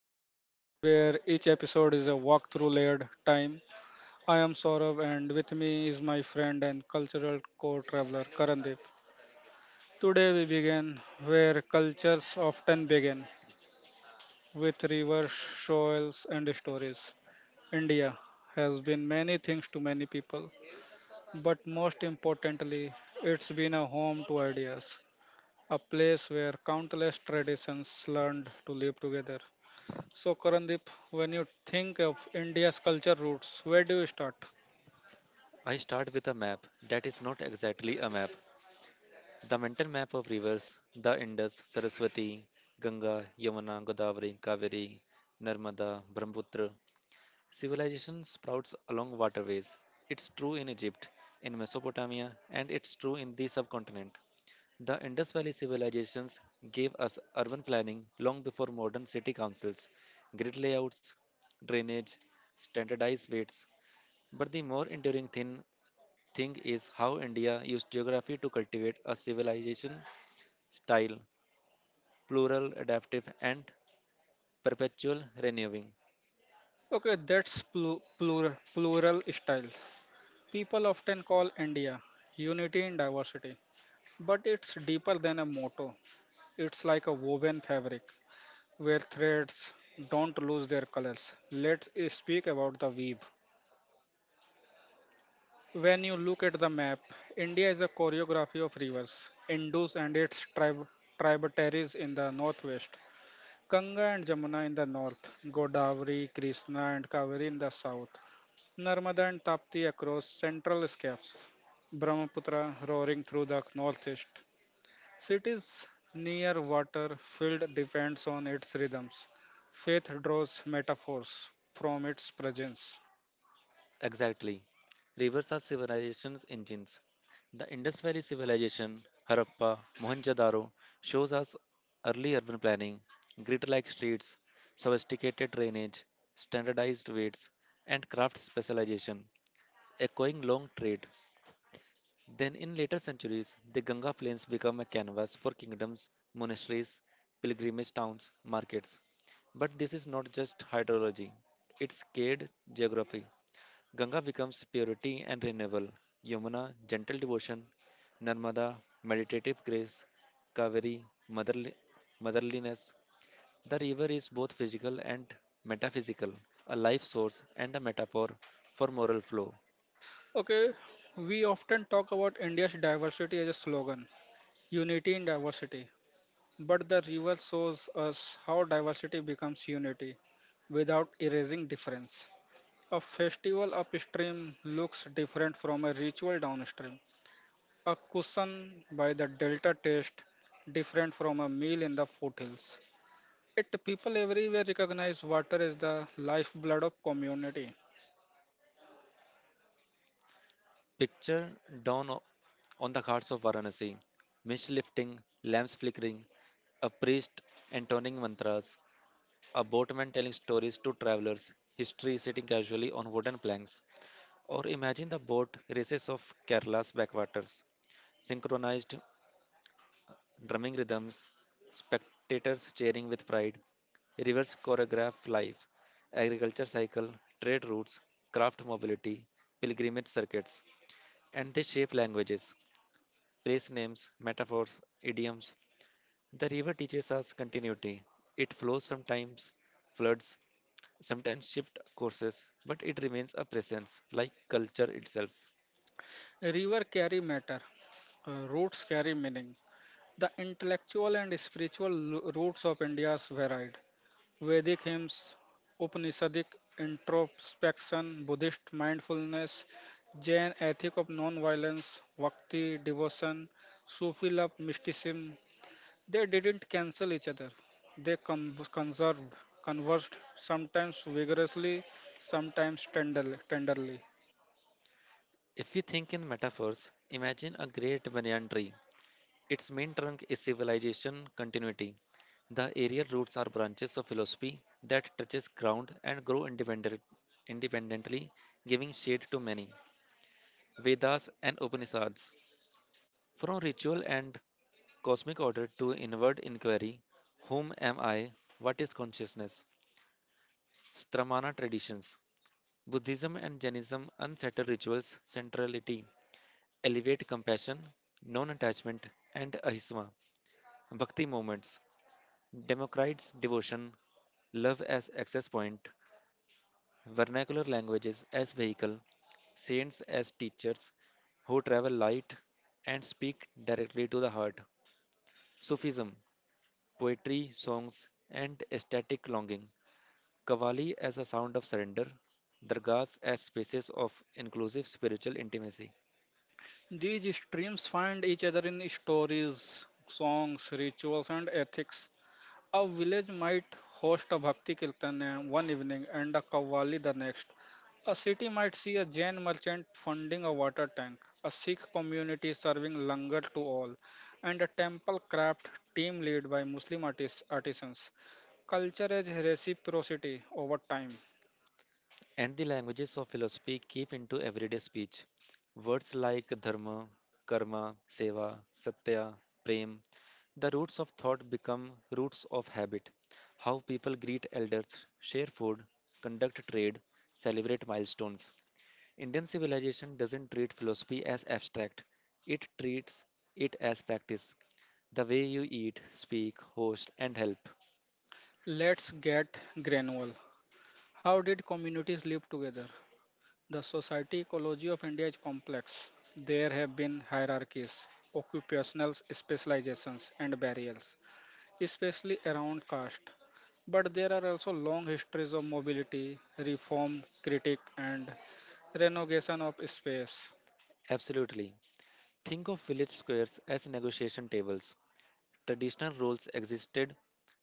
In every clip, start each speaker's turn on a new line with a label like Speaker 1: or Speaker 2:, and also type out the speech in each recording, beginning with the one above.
Speaker 1: a journey where each episode is a walk through layered time. I am Saurabh, and with me is my friend and cultural co traveler Karandeep. Today we begin where cultures often begin with rivers, soils, and stories. India has been many things to many people, but most importantly, it's been a home to ideas, a place where countless traditions learned to live together. So, Karandeep, when you think of India's culture roots, where do you start?
Speaker 2: I start with a map that is not exactly a map. The mental map of rivers, the Indus, Saraswati, Ganga, Yamuna, Godavari, Kaveri, Narmada, Brahmaputra. Civilization sprouts along waterways. It's true in Egypt, in Mesopotamia, and it's true in the subcontinent. The Indus Valley civilizations gave us urban planning long before modern city councils, grid layouts, drainage, standardized weights. But the more enduring thing is how India used geography to cultivate a civilization style, plural, adaptive, and perpetual renewing.
Speaker 1: Okay, that's plural style. People often call India unity in diversity, but it's deeper than a motto. It's like a woven fabric where threads don't lose their colors. Let's speak about the weave. When you look at the map, India is a choreography of rivers, Indus and its tributaries in the northwest, Ganga and Jamuna in the north, Godavari, Krishna, and Kaveri in the south, Narmada and Tapti across central steppes, Brahmaputra roaring through the northeast. Cities near water filled depends on its rhythms. Faith draws metaphors from its presence.
Speaker 2: Exactly. Rivers are civilization's engines. The Indus Valley Civilization, Harappa, Mohenjo-daro shows us early urban planning, grid-like streets, sophisticated drainage, standardized weights, and craft specialization, echoing long trade. Then, in later centuries, the Ganga plains become a canvas for kingdoms, monasteries, pilgrimage towns, markets. But this is not just hydrology, it's scaled geography. Ganga becomes purity and renewal, Yamuna, gentle devotion, Narmada, meditative grace, Kaveri, motherly, motherliness. The river is both physical and metaphysical, a life source and a metaphor for moral flow.
Speaker 1: Okay, we often talk about India's diversity as a slogan, unity in diversity. But the river shows us how diversity becomes unity without erasing difference. A festival upstream looks different from a ritual downstream. A cushion by the delta tastes different from a meal in the foothills. It people everywhere recognize water as the lifeblood of community.
Speaker 2: Picture dawn o- on the ghats of Varanasi, mist lifting, lamps flickering, a priest intoning mantras, a boatman telling stories to travelers, history sitting casually on wooden planks. Or imagine the boat races of Kerala's backwaters, synchronized drumming rhythms, spectators cheering with pride, rivers choreograph life, agriculture cycle, trade routes, craft mobility, pilgrimage circuits, and they shape languages. Place names, metaphors, idioms. The river teaches us continuity. It flows sometimes, floods, sometimes shift courses, but it remains a presence, like culture itself.
Speaker 1: River carry matter, roots carry meaning. The intellectual and spiritual roots of India's varied. Vedic hymns, Upanishadic introspection, Buddhist mindfulness, Jain ethic of non-violence, Bhakti devotion, Sufi love mysticism. They didn't cancel each other. They conserved, conversed, sometimes vigorously, sometimes tenderly.
Speaker 2: If you think in metaphors, imagine a great banyan tree. Its main trunk is civilization continuity. The aerial roots are branches of philosophy that touches ground and grow independently, giving shade to many. Vedas and Upanishads from ritual and cosmic order to inward inquiry, whom am I? What is consciousness? Stramana traditions, Buddhism and Jainism unsettle rituals, centrality, elevate compassion, non attachment, and ahisma, bhakti movements, Democrites devotion, love as access point, vernacular languages as vehicle, saints as teachers who travel light and speak directly to the heart, Sufism, poetry, songs, and ecstatic longing, Kavali as a sound of surrender, dargahs as spaces of inclusive spiritual intimacy,
Speaker 1: These streams find each other in stories, songs, rituals, and ethics. A village might host a Bhakti Kirtan one evening and a Kavali the next. A city might see a Jain merchant funding a water tank, a Sikh community serving langar to all, and a temple craft team led by Muslim artisans. Culture is reciprocity over time.
Speaker 2: and the languages of philosophy keep into everyday speech. Words like dharma, karma, seva, satya, prem, the roots of thought become roots of habit. How people greet elders, share food, conduct trade, celebrate milestones. Indian civilization doesn't treat philosophy as abstract, it treats it as practice. The way you eat, speak, host, and help.
Speaker 1: Let's get granular. How did communities live together? The society ecology of India is complex. There have been hierarchies, occupational specializations, and barriers, especially around caste. But there are also long histories of mobility, reform, critique, and renovation of space.
Speaker 2: Absolutely. Think of village squares as negotiation tables. Traditional roles existed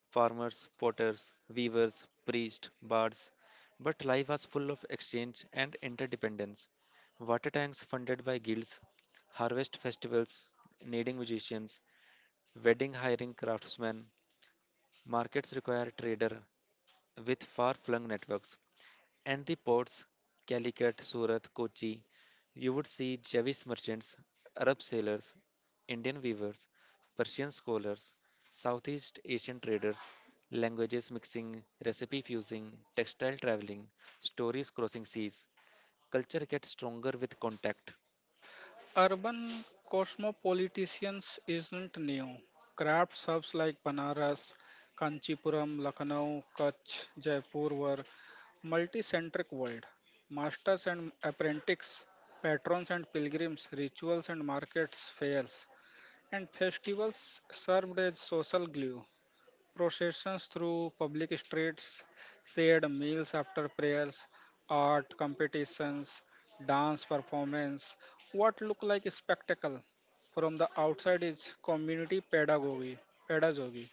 Speaker 2: farmers, potters, weavers, priests, bards. But life was full of exchange and interdependence. Water tanks funded by guilds, harvest festivals needing musicians, wedding hiring craftsmen, markets require trader with far-flung networks, and the ports Calicut, Surat, Kochi. You would see Jewish merchants, Arab sailors, Indian weavers, Persian scholars, Southeast Asian traders, languages mixing, recipe fusing, textile traveling, stories crossing seas. Culture gets stronger with contact,
Speaker 1: Urban cosmopoliticians isn't new. Craft subs like Banaras, Kanchipuram, Lucknow, Kutch, Jaipur were multicentric world. Masters and apprentices, patrons and pilgrims, rituals and markets, fairs, and festivals served as social glue. Processions through public streets, shared meals after prayers, art competitions, dance performance, what look like a spectacle from the outside is community pedagogy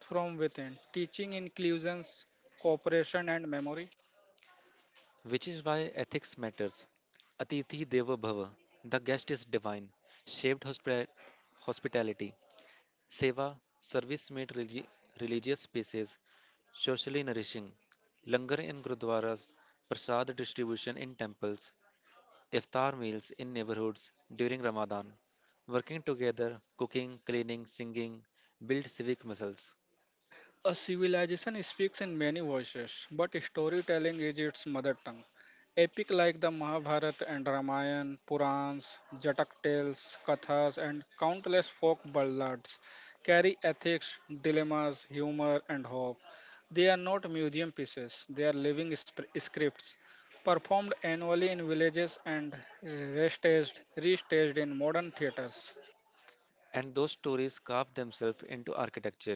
Speaker 1: from within, teaching inclusions, cooperation and memory.
Speaker 2: which is why ethics matters. Atithi Deva Bhava, the guest is divine, shaped hospitality. Seva, service made religious spaces socially nourishing. Langar in gurdwaras, prasad distribution in temples, iftar meals in neighborhoods during Ramadan. Working together, cooking, cleaning, singing, build civic muscles.
Speaker 1: A civilization speaks in many voices, but storytelling is its mother tongue. Epic like the Mahabharata and Ramayana, Purans, Jatak tales, Kathas, and countless folk ballads carry ethics, dilemmas, humor, and hope. They are not museum pieces, they are living scripts performed annually in villages and restaged in modern theaters.
Speaker 2: And those stories carve themselves into architecture.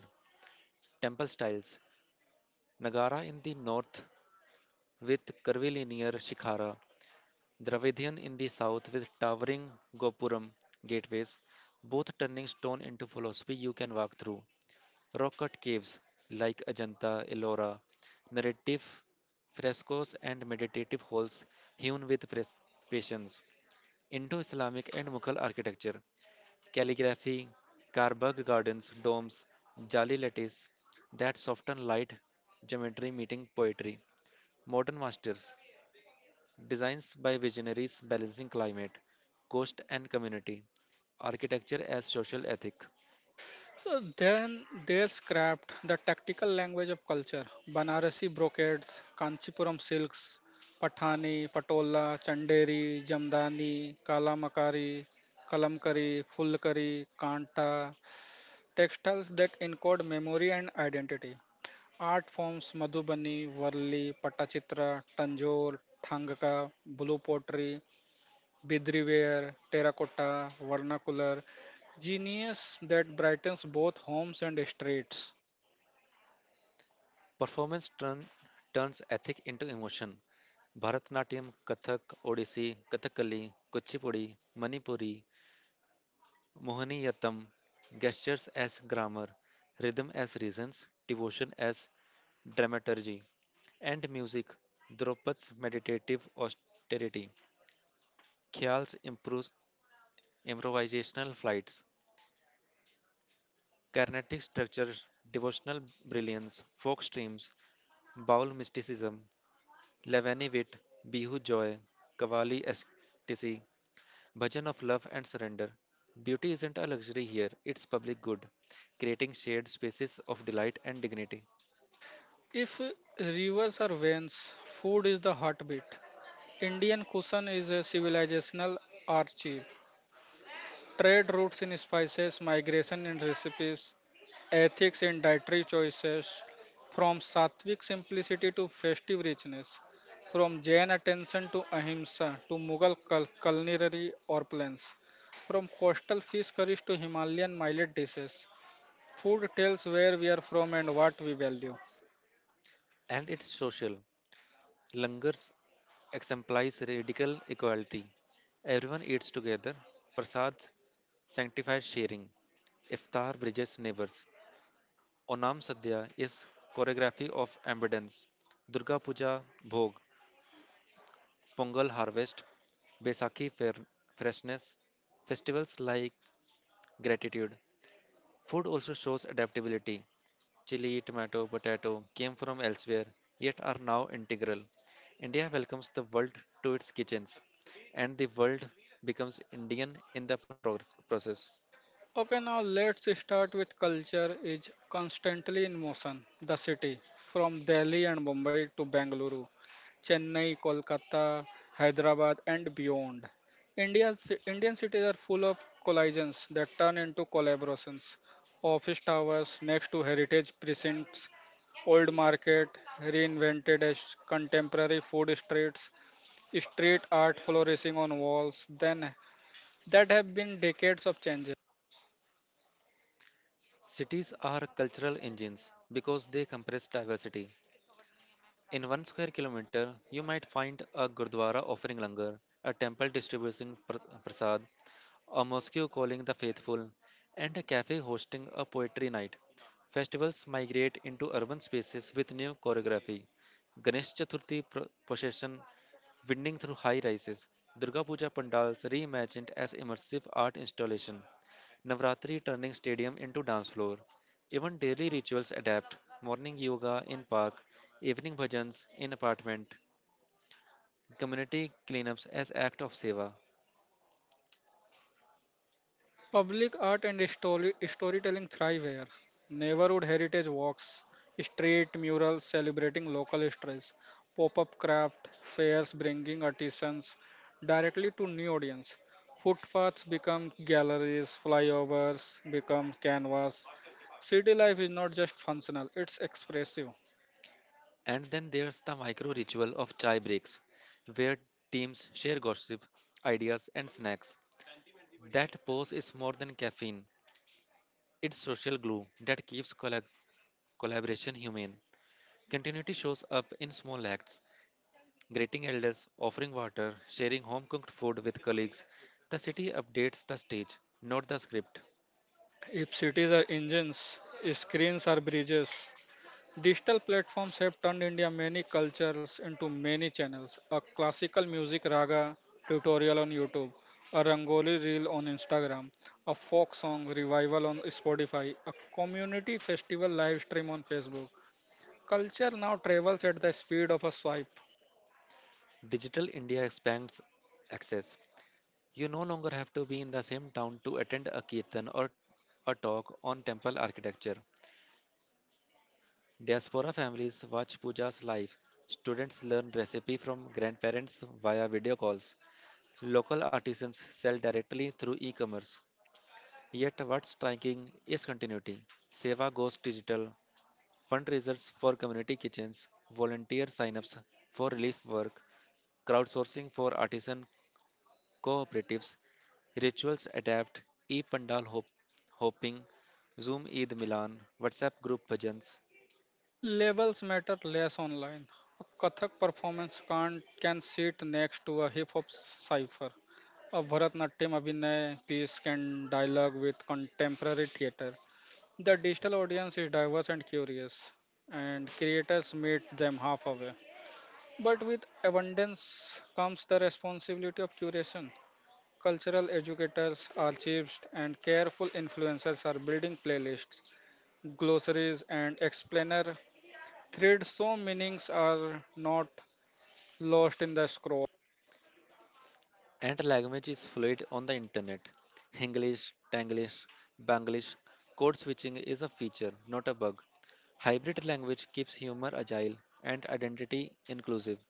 Speaker 2: Temple styles Nagara in the north with curvilinear shikhara Dravidian in the south with towering Gopuram gateways, both turning stone into philosophy you can walk through. Rock cut caves like Ajanta, Ellora, narrative frescoes and meditative halls hewn with patience. Indo Islamic and Mughal architecture, calligraphy, Karbagh gardens, domes, jali lattice that soften light geometry meeting poetry. Modern masters designs by visionaries balancing climate, cost, and community. Architecture as social ethic.
Speaker 1: So then there's craft, the tactical language of culture. Banarasi brocades, Kanchipuram silks, Pathani, Patola, Chanderi, Jamdani, Kalamkari, Fulkari, Kanta, textiles that encode memory and identity. Art forms Madhubani, Varli, Patachitra, Tanjore, Thangaka, blue pottery, Bidriware, terracotta, vernacular, genius that brightens both homes and streets.
Speaker 2: Performance turn, turns ethic into emotion. Bharatnatyam, Kathak, Odissi, Kathakali, Kuchipudi, Manipuri, Mohiniyattam. Gestures as grammar, rhythm as reasons, devotion as dramaturgy. And music, Draupad's meditative austerity. Khyal's improvis- improvisational flights. Carnatic structures, devotional brilliance, folk streams, Baul mysticism, Lavani wit, Bihu joy, Kavali ecstasy, Bhajan of love and surrender. Beauty isn't a luxury here, it's public good, creating shared spaces of delight and dignity.
Speaker 1: If rivers are veins, food is the heartbeat. Indian cuisine is a civilizational archive. Trade routes in spices, migration in recipes, ethics in dietary choices, from sattvic simplicity to festive richness, from Jain attention to ahimsa to Mughal culinary opulence, from coastal fish curries to Himalayan millet dishes. Food tells where we are from and what we value.
Speaker 2: And it's social. Langars exemplifies radical equality. Everyone eats together. Prasad sanctifies sharing. Iftar bridges neighbors. Onam Sadhya is choreography of abundance, Durga Puja Bhog, Pongal harvest, Besakhi fair, freshness, festivals like gratitude. Food also shows adaptability. Chili, tomato, potato came from elsewhere, yet are now integral. India welcomes the world to its kitchens, and the world becomes Indian in the process.
Speaker 1: Okay, now let's start with culture is constantly in motion. The city, from Delhi and Mumbai to Bengaluru, Chennai, Kolkata, Hyderabad, and beyond. Indian cities are full of collisions that turn into collaborations. Office towers next to heritage precincts, old market reinvented as contemporary food streets, street art flourishing on walls, then that have been decades of changes.
Speaker 2: Cities are cultural engines because they compress diversity. In one square kilometer, you might find a gurdwara offering langar, a temple distributing prasad, a mosque calling the faithful, and a cafe hosting a poetry night. Festivals migrate into urban spaces with new choreography. Ganesh Chaturthi procession winding through high rises, Durga Puja pandals reimagined as immersive art installation, Navratri turning stadium into dance floor. Even daily rituals adapt. Morning yoga in park, evening bhajans in apartment, community cleanups as act of seva.
Speaker 1: Public art and storytelling thrive here. Neighborhood heritage walks, street murals celebrating local histories, pop-up craft fairs bringing artisans directly to new audience. Footpaths become galleries, flyovers become canvas. City life is not just functional; it's expressive.
Speaker 2: And then there's the micro ritual of chai breaks, where teams share gossip, ideas, and snacks. That pause is more than caffeine. It's social glue that keeps collaboration humane. Continuity shows up in small acts, greeting elders, offering water, sharing home cooked food with colleagues. The city updates the stage, not the script.
Speaker 1: If cities are engines, screens are bridges. Digital platforms have turned India many cultures into many channels. A classical music raga tutorial on YouTube, a rangoli reel on Instagram, a folk song revival on Spotify, a community festival live stream on Facebook. Culture now travels at the speed of a swipe.
Speaker 2: Digital India expands access. You no longer have to be in the same town to attend a kirtan or a talk on temple architecture. Diaspora families watch pujas live. Students learn recipe from grandparents via video calls. Local artisans sell directly through e-commerce. Yet what's striking is continuity. Seva goes digital, fundraisers for community kitchens, volunteer sign-ups for relief work, crowdsourcing for artisan cooperatives, rituals adapt, Eid Pandal hop- hopping, Zoom Eid Milan, WhatsApp group bhajans,
Speaker 1: Labels matter less online. A Kathak performance can sit next to a hip hop cipher. A Bharatnatyam Abhinay piece can dialogue with contemporary theatre. The digital audience is diverse and curious, and creators meet them halfway. But with abundance comes the responsibility of curation. Cultural educators, archivists, and careful influencers are building playlists, glossaries, and explainer threads so meanings are not lost in the scroll.
Speaker 2: and language is fluid on the internet. English, Tanglish, Banglish, code switching is a feature, not a bug. Hybrid language keeps humor agile and identity inclusive.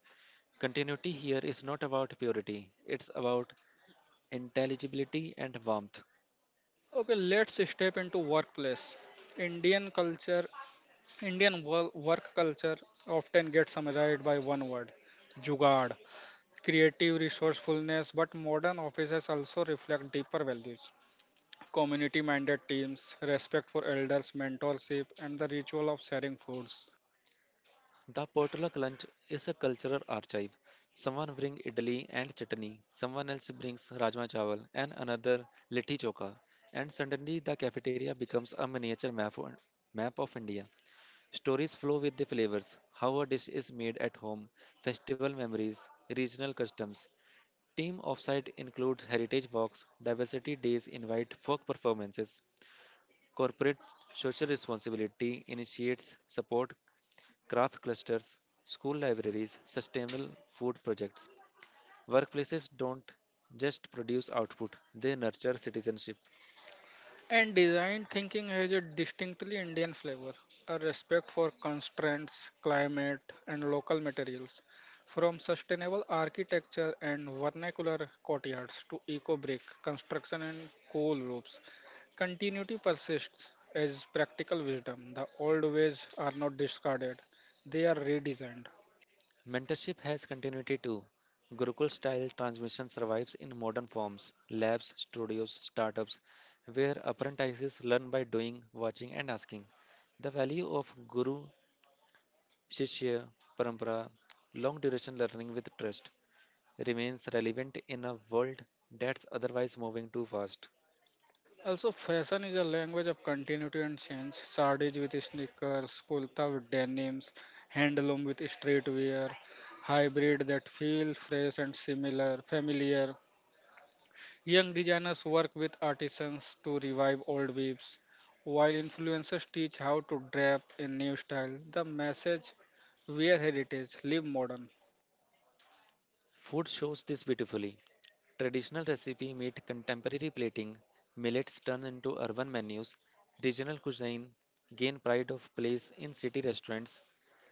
Speaker 2: Continuity here is not about purity, it's about intelligibility and warmth.
Speaker 1: Okay, let's step into workplace. Indian culture, Indian wo- work culture often gets summarized by one word, jugaad, creative resourcefulness, but modern offices also reflect deeper values. Community minded teams, respect for elders, mentorship, and the ritual of sharing foods.
Speaker 2: The potluck lunch is a cultural archive. Someone brings idli and chutney, someone else brings rajma chawal, and another litti choka. And suddenly the cafeteria becomes a miniature map of India. Stories flow with the flavors, how a dish is made at home, festival memories, regional customs. Team offsite includes heritage walks, diversity days invite folk performances, corporate social responsibility initiates support craft clusters, school libraries, sustainable food projects. Workplaces don't just produce output, they nurture citizenship.
Speaker 1: And design thinking has a distinctly Indian flavor, a respect for constraints, climate, and local materials. From sustainable architecture and vernacular courtyards to eco brick construction and coal roofs, continuity persists as practical wisdom. The old ways are not discarded, they are redesigned.
Speaker 2: Mentorship has continuity too. Gurukul style transmission survives in modern forms labs, studios, startups, where apprentices learn by doing, watching, and asking. The value of Guru Shishya Parampara, long duration learning with trust, remains relevant in a world that's otherwise moving too fast.
Speaker 1: Also, fashion is a language of continuity and change. Sardis with sneakers, kulta with denims, handloom with streetwear, hybrid that feel fresh and familiar. Young designers work with artisans to revive old weaves, while influencers teach how to drape in new style. The message: wear heritage, live modern.
Speaker 2: Food shows this beautifully. Traditional recipe meet contemporary plating, millets turn into urban menus, regional cuisine gain pride of place in city restaurants,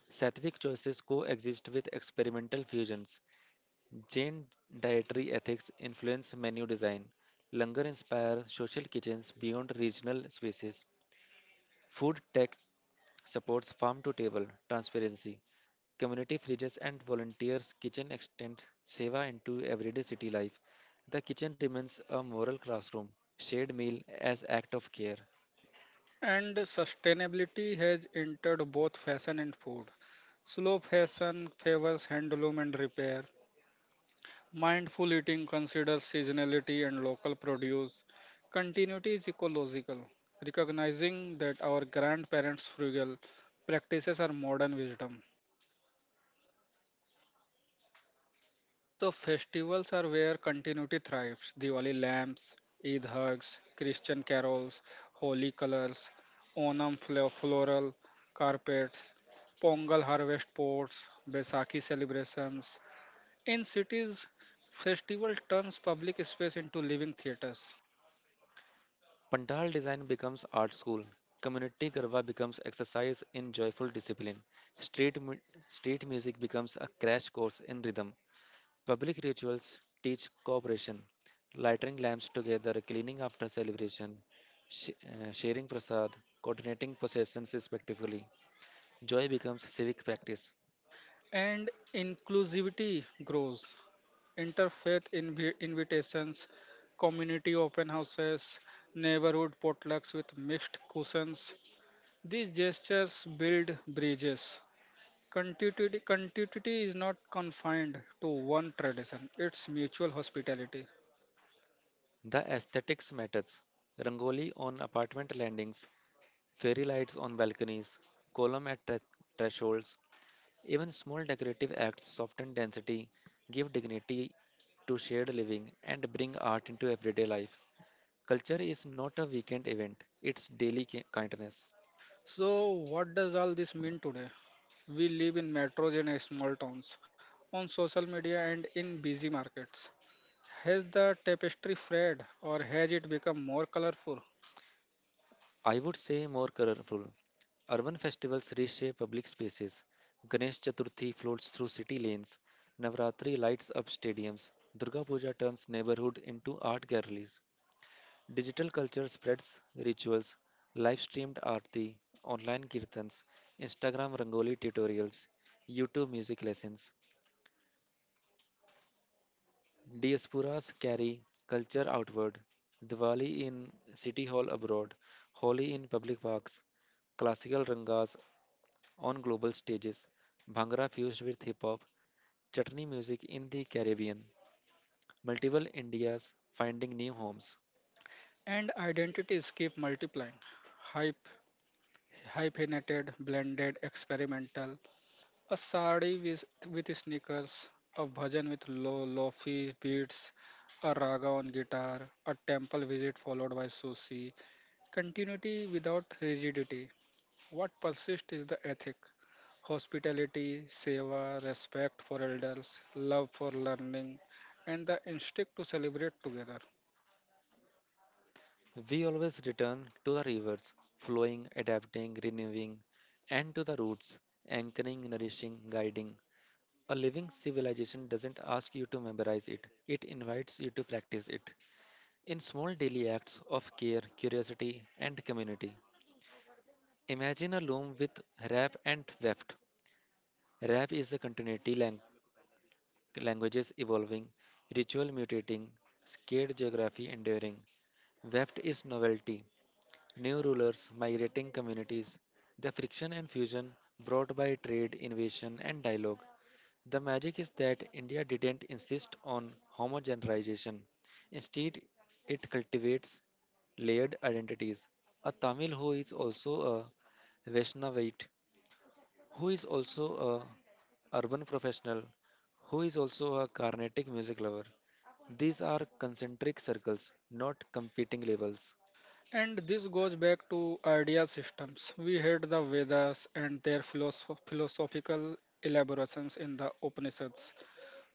Speaker 2: Sattvic choices coexist with experimental fusions, Jain dietary ethics influence menu design, Langar inspire social kitchens beyond regional spaces, food tech supports farm to table transparency, community fridges, and volunteers' kitchen extends Seva into everyday city life. The kitchen remains a moral classroom, shared meal as act of care.
Speaker 1: And sustainability has entered both fashion and food. Slow fashion favors handloom and repair, mindful eating considers seasonality and local produce. Continuity is ecological, recognizing that our grandparents' frugal practices are modern wisdom. So, festivals are where continuity thrives Diwali lamps, Eid hugs, Christian carols, holy colors, Onam floral carpets, Pongal harvest pots, Baisakhi celebrations. In cities, festival turns public space into living theaters.
Speaker 2: Pandal design becomes art school. Community garba becomes exercise in joyful discipline. Street mu- Street music becomes a crash course in rhythm. Public rituals teach cooperation, lighting lamps together, cleaning after celebration, sharing prasad, coordinating possessions respectively. Joy becomes civic practice.
Speaker 1: And inclusivity grows. Interfaith invitations, community open houses, neighborhood potlucks with mixed cuisines. These gestures build bridges. Continuity is not confined to one tradition, it's mutual hospitality.
Speaker 2: The aesthetics matters. Rangoli on apartment landings, fairy lights on balconies, column at thresholds, even small decorative acts soften density, give dignity to shared living, and bring art into everyday life. Culture is not a weekend event, it's daily kindness.
Speaker 1: So, what does all this mean today? We live in metros and small towns, on social media and in busy markets. Has the tapestry frayed or has it become more colorful?
Speaker 2: I would say more colorful. Urban festivals reshape public spaces. Ganesh Chaturthi floats through city lanes. Navratri lights up stadiums. Durga Puja turns neighborhood into art galleries. Digital culture spreads rituals, live streamed aarti, online kirtans, Instagram rangoli tutorials, YouTube music lessons. Diasporas carry culture outward. Diwali in City Hall abroad, Holi in public parks, classical rangas on global stages, Bhangra fused with hip hop, chutney music in the Caribbean, multiple Indias finding new homes.
Speaker 1: And identities keep multiplying. Hype, hyphenated, blended, experimental. A sari with sneakers, a bhajan with lofi beats, a raga on guitar, a temple visit followed by sushi. Continuity without rigidity. What persists is the ethic hospitality, seva, respect for elders, love for learning, and the instinct to celebrate together.
Speaker 2: We always return to the rivers, flowing, adapting, renewing, and to the roots, anchoring, nourishing, guiding. A living civilization doesn't ask you to memorize it, it invites you to practice it in small daily acts of care, curiosity, and community. Imagine a loom with rap and weft. Rap is the languages evolving, ritual mutating, scared geography enduring. Weft is novelty, new rulers, migrating communities, the friction and fusion brought by trade, invasion, and dialogue. The magic is that India didn't insist on homogenization. Instead, it cultivates layered identities. A Tamil who is also a Vaishnavite, who is also a urban professional, who is also a Carnatic music lover. These are concentric circles, not competing labels.
Speaker 1: And this goes back to idea systems. We had the Vedas and their philosophical elaborations in the Upanishads.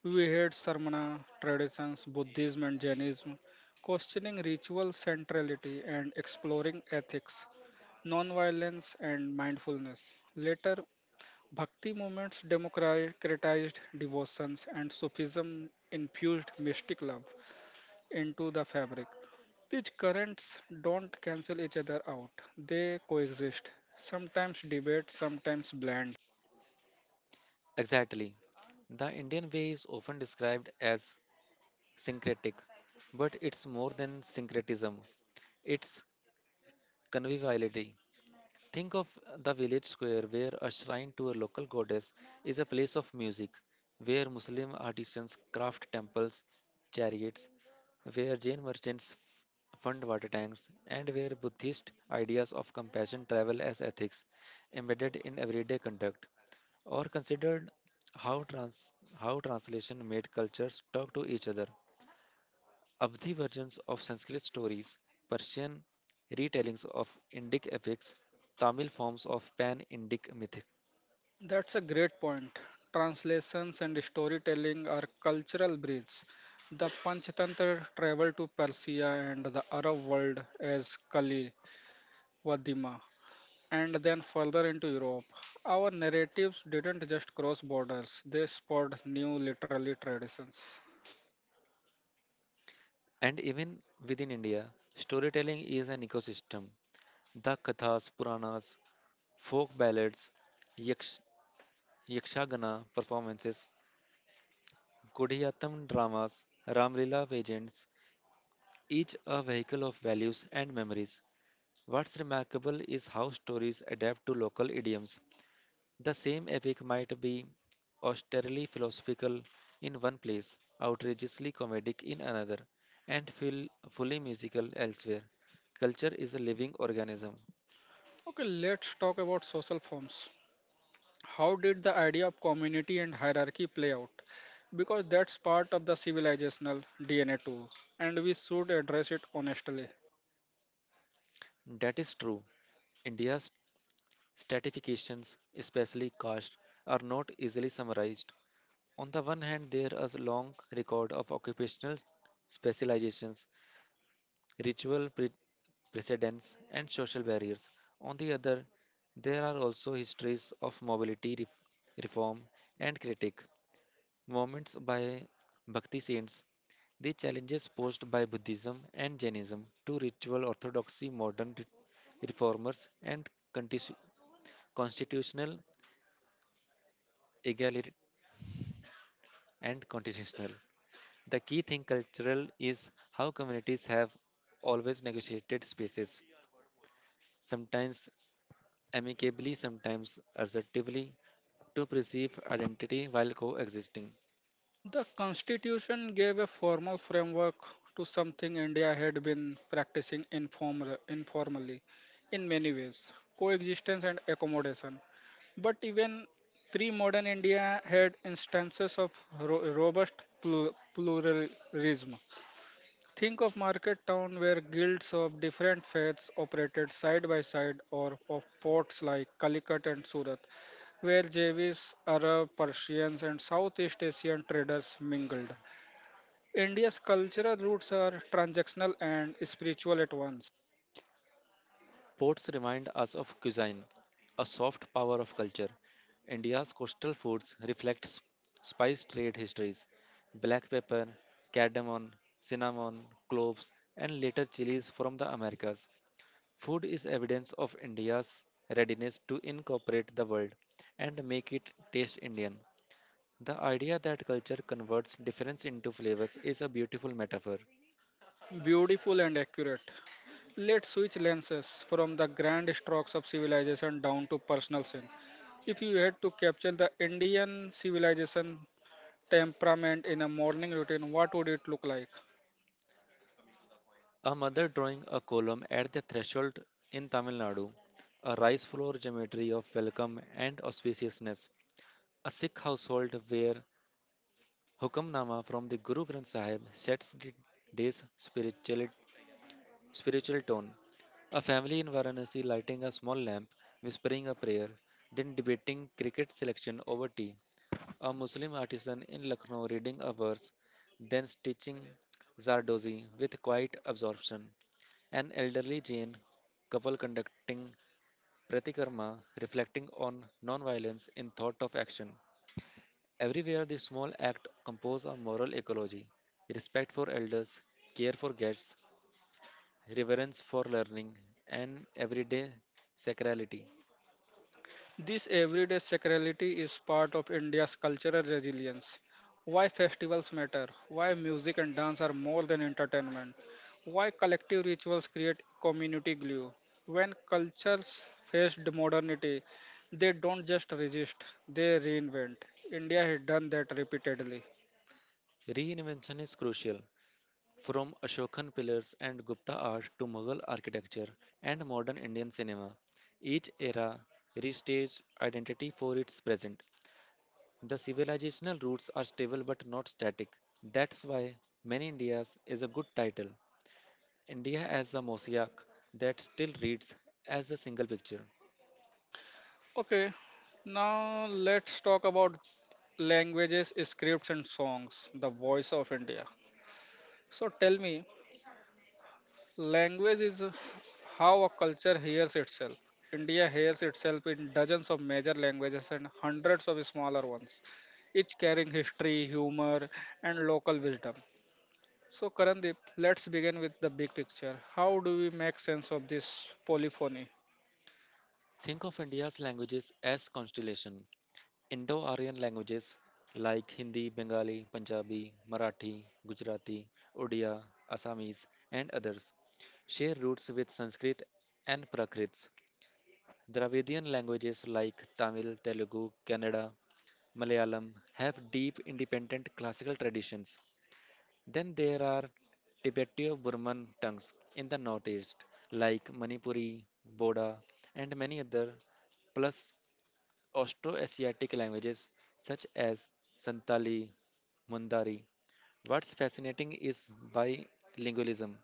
Speaker 1: We had Sarmana traditions, Buddhism and Jainism, questioning ritual centrality and exploring ethics, nonviolence, and mindfulness. Later, Bhakti movements democratized devotions and Sufism infused mystic love into the fabric. These currents don't cancel each other out, they coexist, sometimes debate, sometimes blend.
Speaker 2: Exactly. The Indian way is often described as syncretic, but it's more than syncretism. It's conviviality. Think of the village square where a shrine to a local goddess is a place of music, where Muslim artisans craft temples, chariots, where Jain merchants fund water tanks, and where Buddhist ideas of compassion travel as ethics embedded in everyday conduct. Or considered how translation made cultures talk to each other, Avadhi versions of Sanskrit stories, Persian retellings of Indic epics, Tamil forms of pan Indic mythic.
Speaker 1: That's a great point. Translations and storytelling are cultural bridges. The Panchatantra traveled to Persia and the Arab world as Kali Vadima, and then further into Europe. Our narratives didn't just cross borders, they spawned new literary traditions.
Speaker 2: And even within India, storytelling is an ecosystem. The Kathas, Puranas, folk ballads, yaksh, Yakshagana performances, Kodiyatham dramas, Ramlila pageants, each a vehicle of values and memories. What's remarkable is how stories adapt to local idioms. The same epic might be austerely philosophical in one place, outrageously comedic in another, and feel fully musical elsewhere. Culture is a living organism.
Speaker 1: Okay, let's talk about social forms. How did the idea of community and hierarchy play out? Because that's part of the civilizational DNA too, and we should address it honestly.
Speaker 2: That is true. India's stratifications, especially caste, are not easily summarized. On the one hand, there is a long record of occupational specializations, ritual precedents, and social barriers. On the other, there are also histories of mobility, reform and critique, movements by Bhakti saints, the challenges posed by Buddhism and Jainism to ritual orthodoxy, modern reformers, and constitutional egalitarian and constitutional. The key thing cultural is how communities have always negotiated spaces, sometimes amicably, sometimes assertively, to preserve identity while coexisting.
Speaker 1: The constitution gave a formal framework to something India had been practicing informally in many ways coexistence and accommodation. But even pre modern India had instances of robust pluralism. Think of market town where guilds of different faiths operated side by side or of ports like Calicut and Surat where Javis, Arab, Persians and Southeast Asian traders mingled. India's cultural roots are transactional and spiritual at once,
Speaker 2: Ports remind us of cuisine, a soft power of culture. India's coastal foods reflect spice trade histories. Black pepper, cardamom, cinnamon, cloves, and later chilies from the Americas. Food is evidence of India's readiness to incorporate the world and make it taste Indian. The idea that culture converts difference into flavors is a beautiful metaphor.
Speaker 1: beautiful and accurate. Let's switch lenses from the grand strokes of civilization down to personal sin. If you had to capture the Indian civilization temperament in a morning routine, what would it look like?
Speaker 2: A mother drawing a column at the threshold in Tamil Nadu, a rice floor geometry of welcome and auspiciousness, a Sikh household where Hukamnama from the Guru Granth Sahib sets the day's spiritual tone, a family in Varanasi lighting a small lamp, whispering a prayer, then debating cricket selection over tea. A Muslim artisan in Lucknow reading a verse, then stitching Zardozi with quiet absorption, an elderly Jain couple conducting pratikarma, reflecting on non-violence in thought of action. Everywhere the small act compose a moral ecology, respect for elders, care for guests, reverence for learning, and everyday sacrality.
Speaker 1: This everyday sacrality is part of India's cultural resilience. Why festivals matter, why music and dance are more than entertainment, why collective rituals create community glue. When cultures faced modernity, they don't just resist, they reinvent. India has done that repeatedly.
Speaker 2: Reinvention is crucial. From Ashokan pillars and Gupta art to Mughal architecture and modern Indian cinema, each era restaged identity for its present. The civilizational roots are stable but not static. That's why Many Indias is a good title. India as a mosaic that still reads as a single picture.
Speaker 1: Okay, now let's talk about languages, scripts, and songs, the voice of India. So tell me. Language is how a culture hears itself. India hears itself in dozens of major languages and hundreds of smaller ones, each carrying history, humor, and local wisdom. So, Karandeep, let's begin with the big picture. How do we make sense of this polyphony?
Speaker 2: Think of India's languages as constellation. Indo Aryan languages like Hindi, Bengali, Punjabi, Marathi, Gujarati, Odia, Assamese, and others share roots with Sanskrit and Prakrits. Dravidian languages like Tamil, Telugu, Kannada, Malayalam have deep independent classical traditions. Then there are Tibeto-Burman tongues in the northeast like Manipuri, Boda, and many other, plus Austroasiatic languages such as Santali, Mundari. What's fascinating is bilingualism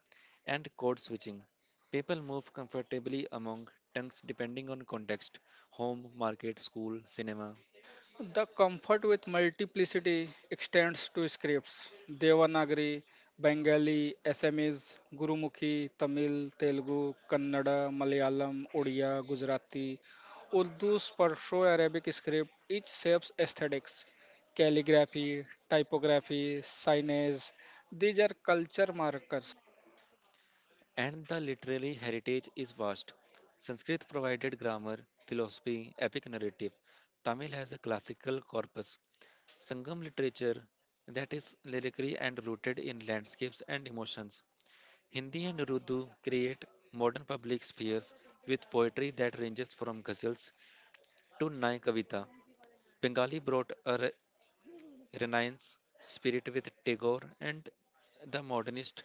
Speaker 2: and code switching. People move comfortably among tongues depending on context: home, market, school, cinema.
Speaker 1: The comfort with multiplicity extends to scripts Devanagari, Bengali, Assamese, Gurumukhi, Tamil, Telugu, Kannada, Malayalam, Odia, Gujarati, Urdu, Perso Arabic script, each shapes aesthetics, calligraphy, typography, signage. These are culture markers.
Speaker 2: And the literary heritage is vast. Sanskrit provided grammar, philosophy, epic narrative. Tamil has a classical corpus, Sangam literature, that is lyrically and rooted in landscapes and emotions. Hindi and Urdu create modern public spheres with poetry that ranges from ghazals to Nai Kavita. Bengali brought a renaissance spirit with Tagore and the modernist.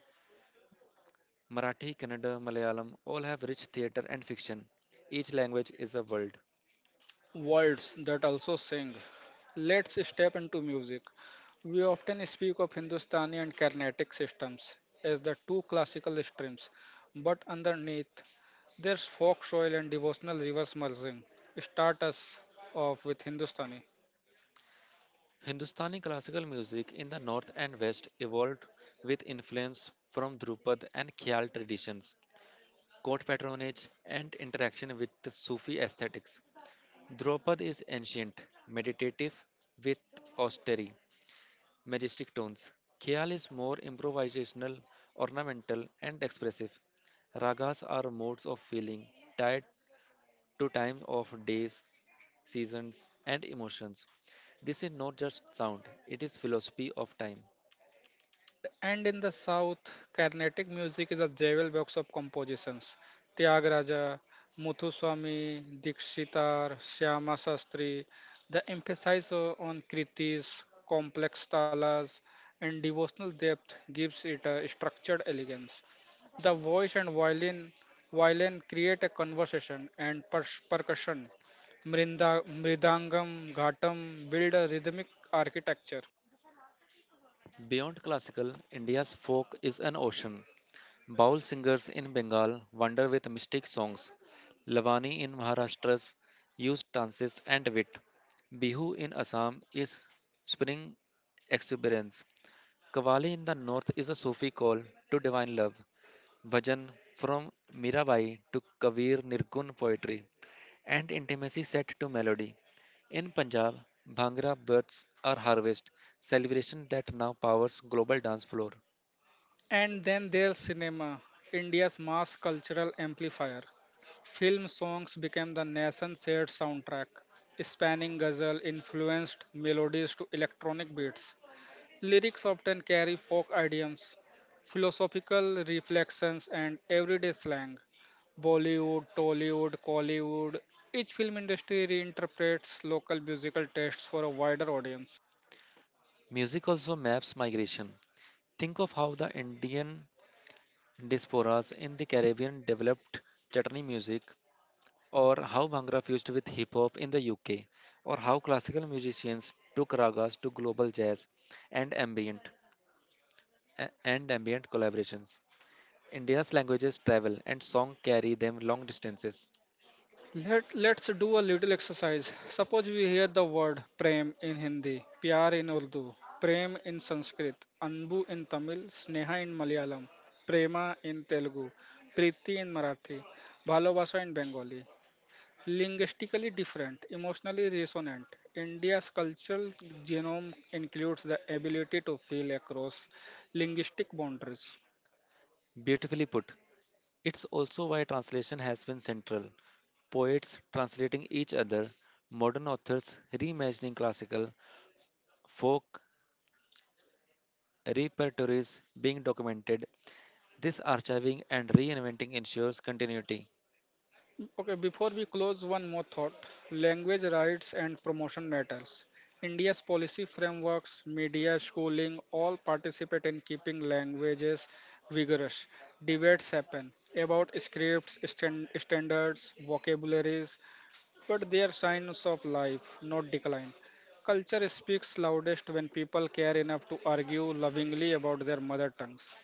Speaker 2: Marathi, Kannada, Malayalam all have rich theatre and fiction. Each language is a world.
Speaker 1: Words that also sing. Let's step into music. We often speak of Hindustani and Carnatic systems as the two classical streams, but underneath there's folk soil and devotional rivers merging. Start us off with Hindustani.
Speaker 2: Hindustani classical music in the north and west evolved with influence from Drupad and Khyal traditions, court patronage, and interaction with Sufi aesthetics. Dropad is ancient, meditative, with austere, majestic tones. Khyal is more improvisational, ornamental, and expressive. Ragas are modes of feeling, tied to time of days, seasons, and emotions. This is not just sound, it is philosophy of time.
Speaker 1: And in the south, Carnatic music is a jewel box of compositions. Tyagaraja, Muthuswami Dikshitar, Shyama Shastri. The emphasis on kritis, complex talas, and devotional depth gives it a structured elegance. The voice and violin, create a conversation and percussion. Mridangam, ghatam build a rhythmic architecture.
Speaker 2: Beyond classical, India's folk is an ocean. Baul singers in Bengal wander with mystic songs. Lavani in Maharashtra's use dances and wit. Bihu in Assam is spring exuberance. Kavali in the north is a Sufi call to divine love. Bhajan from Mirabai to Kavir Nirgun poetry and intimacy set to melody. In Punjab, Bhangra births are harvest, celebration that now powers global dance floor.
Speaker 1: And then there's cinema, India's mass cultural amplifier. Film songs became the nation's shared soundtrack, spanning ghazal influenced melodies to electronic beats. Lyrics often carry folk idioms, philosophical reflections, and everyday slang. Bollywood, Tollywood, Collywood, each film industry reinterprets local musical tastes for a wider audience.
Speaker 2: Music also maps migration. Think of how the Indian diasporas in the Caribbean developed chutney music, or how Bhangra fused with hip hop in the UK, or how classical musicians took ragas to global jazz and ambient and ambient collaborations. India's languages travel and song carry them long distances.
Speaker 1: Let's do a little exercise. Suppose we hear the word prem in Hindi, pyar in Urdu, prem in Sanskrit, anbu in Tamil, sneha in Malayalam, prema in Telugu, priti in Marathi, bhalobasa in Bengali. Linguistically different, emotionally resonant, India's cultural genome includes the ability to feel across linguistic boundaries.
Speaker 2: Beautifully put. It's also why translation has been central. Poets translating each other, modern authors reimagining classical, folk repertories being documented. This archiving and reinventing ensures continuity.
Speaker 1: Okay, before we close, one more thought. Language rights and promotion matters. India's policy frameworks, media, schooling all participate in keeping languages vigorous. Debates happen about scripts, standards, vocabularies, but they are signs of life, not decline. Culture speaks loudest when people care enough to argue lovingly about their mother tongues.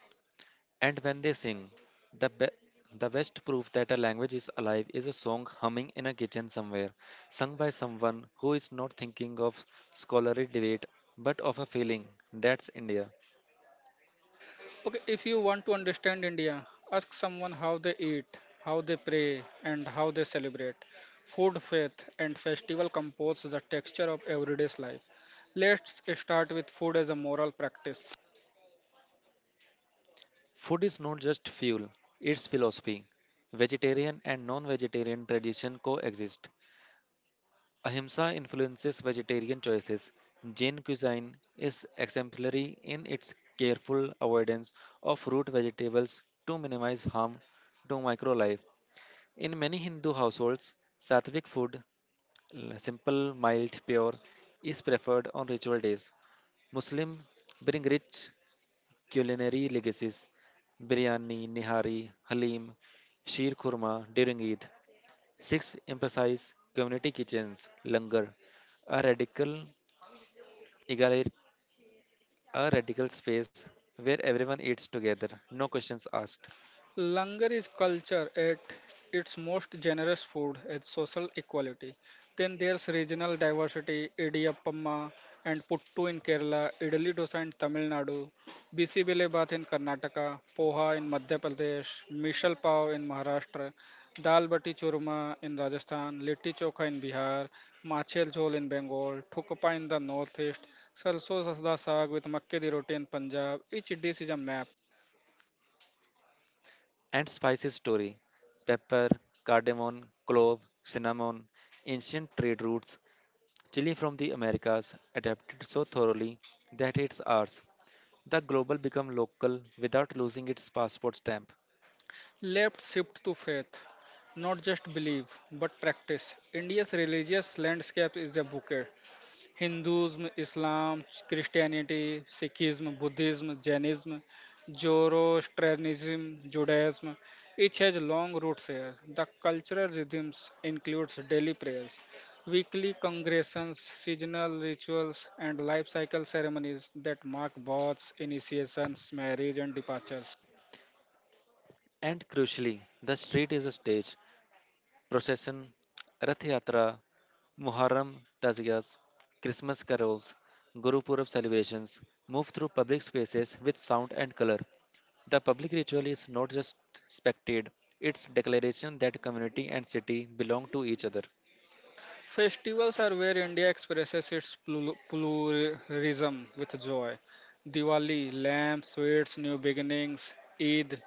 Speaker 2: And when they sing, the, be- the best proof that a language is alive is a song humming in a kitchen somewhere, sung by someone who is not thinking of scholarly debate but of a feeling. That's India.
Speaker 1: Okay, if you want to understand India, ask someone how they eat, how they pray, and how they celebrate. Food, faith, and festival compose the texture of everyday's life. Let's start with food as a moral practice.
Speaker 2: Food is not just fuel, it's philosophy. Vegetarian and non vegetarian tradition coexist. Ahimsa influences vegetarian choices. Jain cuisine is exemplary in its careful avoidance of root vegetables to minimize harm to micro life. In many Hindu households, sattvic food, simple, mild, pure, is preferred on ritual days. Muslim bring rich culinary legacies: biryani, nihari, halim, sheer khurma during Eid. Six emphasize community kitchens, langar, a radical egalit- a radical space where everyone eats together, no questions asked.
Speaker 1: Langar is culture at its most generous food at social equality. Then there's regional diversity: Idiyappamma and Puttu in Kerala, idli dosa in Tamil Nadu, Bisibile Bath in Karnataka, Poha in Madhya Pradesh, Mishal Pav in Maharashtra, Dal Bati Churma in Rajasthan, Litti Chokha in Bihar, Machel Jhol in Bengal, Thukpa in the northeast, Sarson Sarda Saag with Makke di Roti in Punjab. Each dish is a map.
Speaker 2: And spices story: pepper, cardamom, clove, cinnamon, ancient trade routes, chili from the Americas adapted so thoroughly that it's ours. The global become local without losing its passport stamp.
Speaker 1: Left shift to faith, not just belief, but practice. India's religious landscape is a bouquet. Hinduism, Islam, Christianity, Sikhism, Buddhism, Jainism, Zoroastrianism, Judaism. Each has long roots here. The cultural rhythms includes daily prayers, weekly congregations, seasonal rituals, and life cycle ceremonies that mark births, initiations, marriage, and departures.
Speaker 2: And crucially, the street is a stage, procession, Rath Yatra, Muharram, Taziyas, Christmas carols, Guru Purab celebrations move through public spaces with sound and color. The public ritual is not just spectated, it's declaration that community and city belong to each other.
Speaker 1: Festivals are where India expresses its pluralism with joy. Diwali, lamps, sweets, new beginnings; Eid,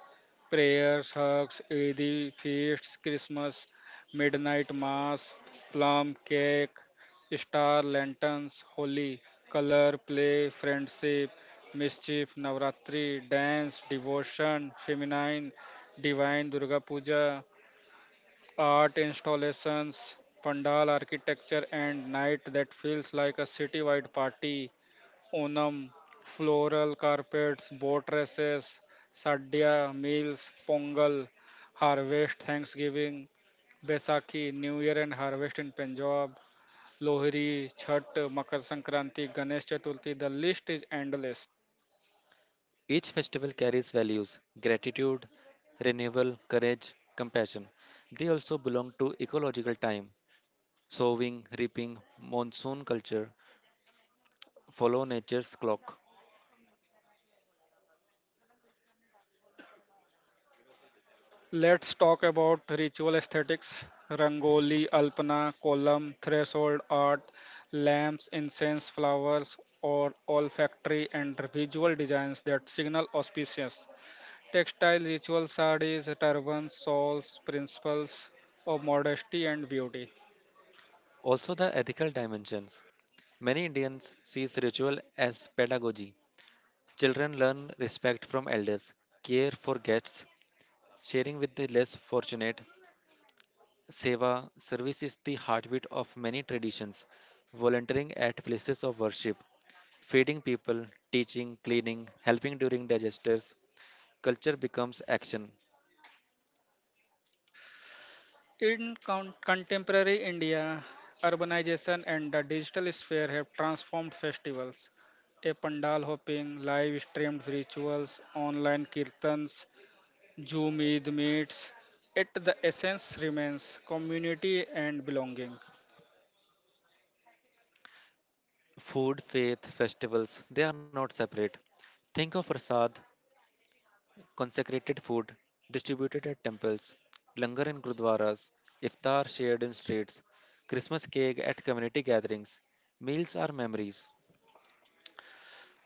Speaker 1: prayers, hugs, Eid feasts; Christmas, midnight mass, plum cake, star lanterns; Holi, color, play, friendship, mischief; Navratri, dance, devotion, feminine, divine; Durga Puja, art installations, pandal architecture, and night that feels like a citywide party. Onam, floral carpets, boat races, sadhya meals; pongal, harvest, Thanksgiving; Baisakhi, New Year and harvest in Punjab; Lohri, Chhat, Makar Sankranti, Ganesh Chaturthi. The list is endless.
Speaker 2: Each festival carries values: gratitude, renewal, courage, compassion. They also belong to ecological time: sowing, reaping, monsoon culture, follow nature's clock.
Speaker 1: Let's talk about ritual aesthetics: rangoli, alpana, column, threshold art, lamps, incense, flowers, or olfactory and visual designs that signal auspicious. Textile ritual sarees, turbans, shawls, principles of modesty and beauty.
Speaker 2: Also the ethical dimensions. Many Indians see ritual as pedagogy. Children learn respect from elders, care for guests, sharing with the less fortunate. Seva service is the heartbeat of many traditions, volunteering at places of worship, feeding people, teaching, cleaning, helping during their culture becomes action.
Speaker 1: In contemporary India, urbanization and the digital sphere have transformed festivals: a pandal hopping, live streamed rituals, online kirtans, Zoom Eid meets, yet the essence remains community and belonging.
Speaker 2: Food, faith, festivals, they are not separate. Think of prasad, consecrated food distributed at temples, langar in gurdwaras, iftar shared in streets, Christmas cake at community gatherings. Meals are memories.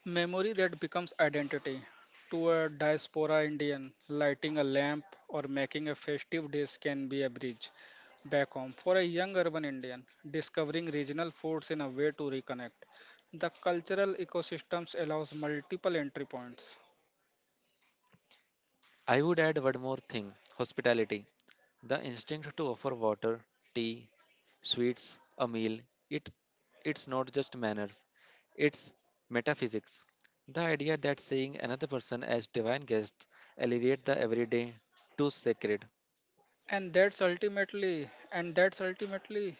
Speaker 1: Memory that becomes identity. To a diaspora Indian, lighting a lamp or making a festive dish can be a bridge back home. For a young urban Indian, discovering regional foods in a way to reconnect. The cultural ecosystems allows multiple entry points.
Speaker 2: I would add one more thing: hospitality. The instinct to offer water, tea, sweets, a meal. It, it's not just manners, it's metaphysics. The idea that seeing another person as divine guest elevates the everyday to sacred.
Speaker 1: And that's ultimately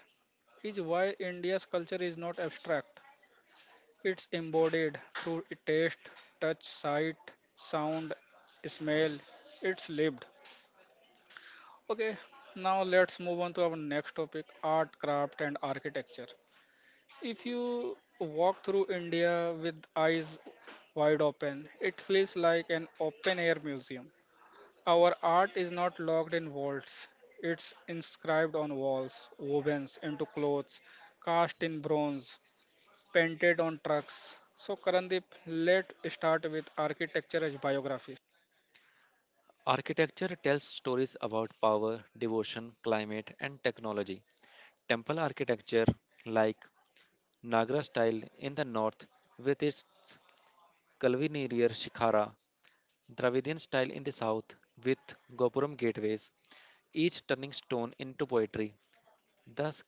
Speaker 1: is why India's culture is not abstract. It's embodied through taste, touch, sight, sound, smell. It's lived. Okay, now let's move on to our next topic: art, craft, and architecture. If you walk through India with eyes wide open, it feels like an open air museum. Our art is not locked in vaults, it's inscribed on walls, woven into clothes, cast in bronze, painted on trucks. So, Karandeep, let's start with architecture as biography.
Speaker 2: Architecture tells stories about power, devotion, climate, and technology. Temple architecture, like Nagara style in the north with its curvilinear shikhara, Dravidian style in the south with Gopuram gateways, each turning stone into poetry. Thus,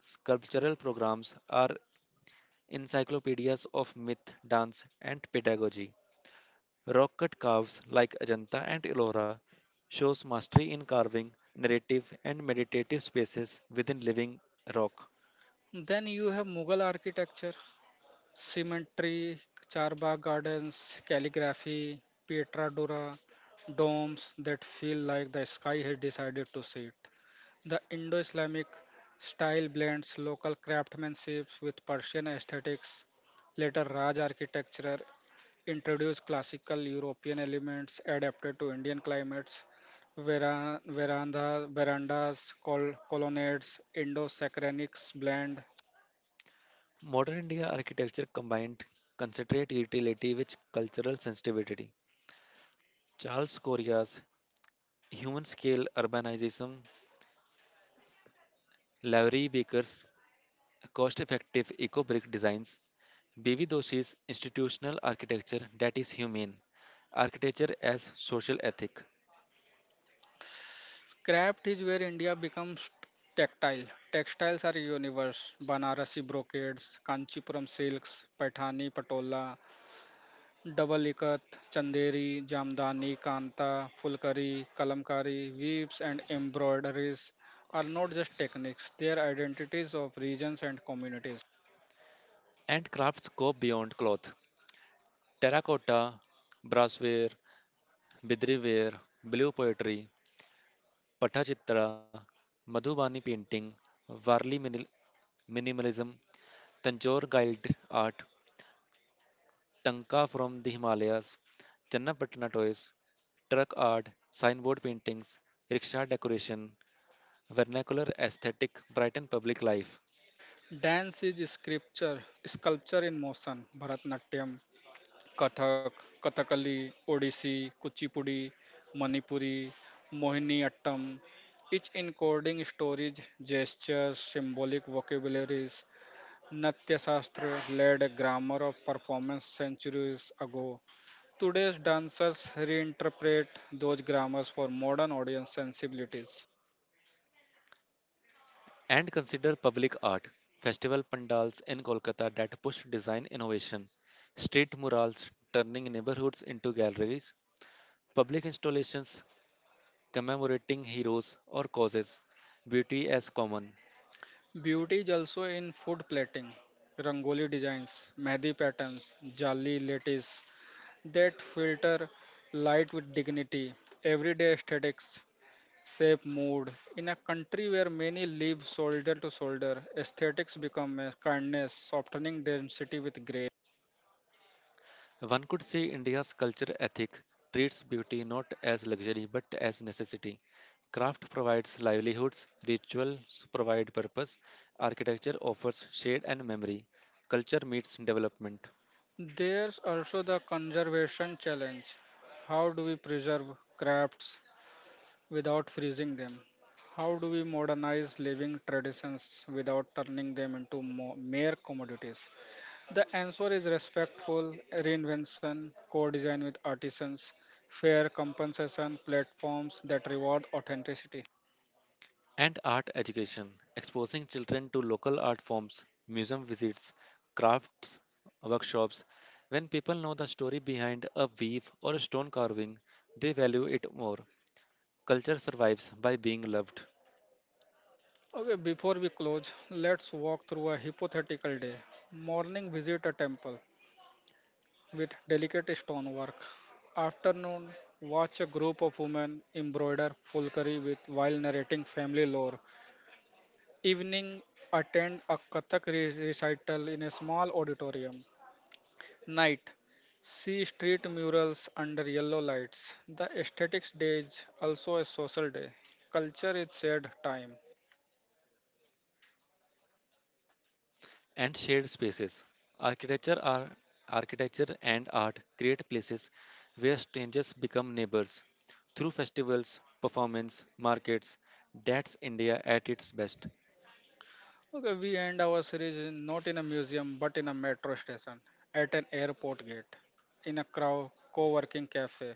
Speaker 2: sculptural programs are encyclopedias of myth, dance, and pedagogy. Rock cut caves like Ajanta and Ellora shows mastery in carving, narrative, and meditative spaces within living rock.
Speaker 1: Then you have Mughal architecture: cemetery, Charbagh gardens, calligraphy, Pietra Dura, domes that feel like the sky has decided to sit. The Indo Islamic style blends local craftsmanship with Persian aesthetics. Later Raj architecture introduce classical European elements adapted to Indian climates: veranda, verandas, colonnades, Indo-Saracenics blend.
Speaker 2: Modern India architecture combined concentrate utility with cultural sensitivity. Charles Correa's human scale urbanism, Lowry Baker's cost effective eco brick designs, B.V. Doshi's institutional architecture that is humane, architecture as social ethic,
Speaker 1: Craft is where India becomes tactile. Textiles are universe. Banarasi brocades, Kanchipuram silks, Paithani patola, double ikat, chanderi, jamdani, kanta, fulkari, kalamkari, weaves and embroideries are not just techniques, they are identities of regions and communities.
Speaker 2: and crafts go beyond cloth. Terracotta, brassware, bidriware, blue poetry, Pattachitra, Madhubani painting, Varli minimalism, Tanjore guide art, Tanka from the Himalayas, Channapatna toys, truck art, signboard paintings, rickshaw decoration, vernacular aesthetic, Brighton public life,
Speaker 1: Dance is scripture, sculpture in motion. Bharatnatyam, Kathak, Kathakali, Odissi, Kuchipudi, Manipuri, Mohiniyattam, each encoding stories, gestures, symbolic vocabularies. Natya Shastra led a grammar of performance centuries ago. Today's dancers reinterpret those grammars for modern audience sensibilities.
Speaker 2: and consider public art, festival pandals in Kolkata that push design innovation, street murals turning neighborhoods into galleries, public installations commemorating heroes or causes, beauty as common.
Speaker 1: Beauty is also in food plating, rangoli designs, mehdi patterns, jali lattice that filter light with dignity. Everyday aesthetics shape mood. In a country where many live shoulder to shoulder, aesthetics become a kindness, softening density with grace.
Speaker 2: One could say India's culture ethic treats beauty not as luxury but as necessity. Craft provides livelihoods, rituals provide purpose, architecture offers shade and memory. Culture meets development.
Speaker 1: There's also the conservation challenge. How do we preserve crafts without freezing them? How do we modernize living traditions without turning them into mere commodities? The answer is respectful reinvention, co design with artisans, fair compensation platforms that reward authenticity.
Speaker 2: And art education, exposing children to local art forms, museum visits, crafts, workshops. When people know the story behind a weave or a stone carving, they value it more. Culture survives by being loved.
Speaker 1: Okay, before we close, let's walk through a hypothetical day. Morning, visit a temple with delicate stonework. Afternoon, watch a group of women embroider fulkari with while narrating family lore. Evening, attend a Kathak recital in a small auditorium. Night, see street murals under yellow lights. The aesthetics day is also a social day. Culture is shared time.
Speaker 2: And shared spaces. Architecture, are, architecture and art create places where strangers become neighbors. Through festivals, performance, markets, that's India at its best.
Speaker 1: Okay, we end our series not in a museum but in a metro station, at an airport gate, in a crowd, co working cafe,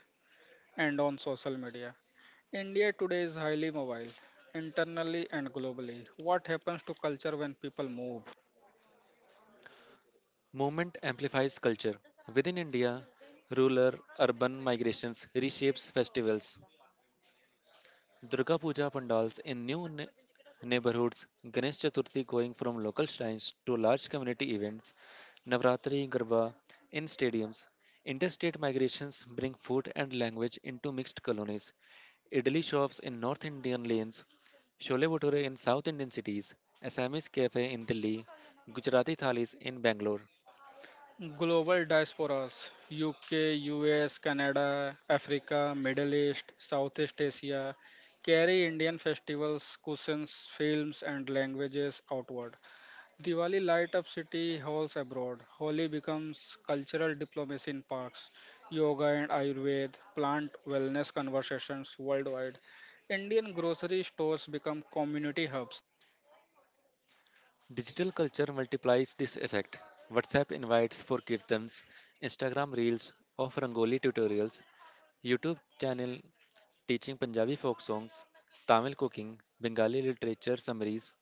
Speaker 1: and on social media. India today is highly mobile, internally and globally. What happens to culture when people move?
Speaker 2: Movement amplifies culture. Within India, rural urban migrations reshapes festivals. Durga Puja pandals in new neighborhoods, Ganesh Chaturthi going from local shrines to large community events, Navratri Garba in stadiums. Interstate migrations bring food and language into mixed colonies. Idli shops in North Indian lanes, Shole Bhature in South Indian cities, Assamese cafe in Delhi, Gujarati thalis in Bangalore.
Speaker 1: Global diasporas: UK, US, Canada, Africa, Middle East, Southeast Asia carry Indian festivals, cuisines, films, and languages outward. Diwali light up city halls abroad. Holi becomes cultural diplomacy in parks, yoga and Ayurveda, plant wellness conversations worldwide. Indian grocery stores become community hubs.
Speaker 2: Digital culture multiplies this effect. WhatsApp invites for kirtans, Instagram reels of Rangoli tutorials, YouTube channel teaching Punjabi folk songs, Tamil cooking, Bengali literature summaries.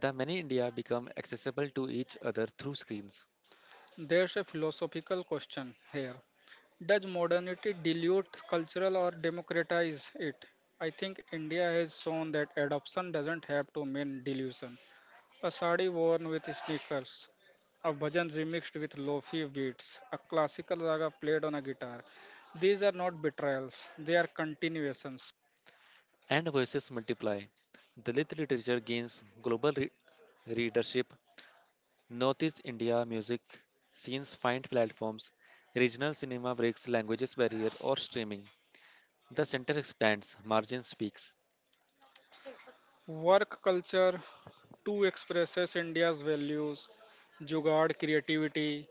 Speaker 2: The many India become accessible to each other through screens,
Speaker 1: There's a philosophical question here. Does modernity dilute cultural or democratize it? I think India has shown that adoption doesn't have to mean dilution. A sari worn with sneakers, a bhajan remixed with lofi beats, a classical raga played on a guitar. These are not betrayals, they are continuations.
Speaker 2: and voices multiply. Dalit literature gains global readership. Northeast India music scenes find platforms. Regional cinema breaks languages barrier or streaming. The center expands, margin speaks.
Speaker 1: Work culture too expresses India's values: jugaad creativity,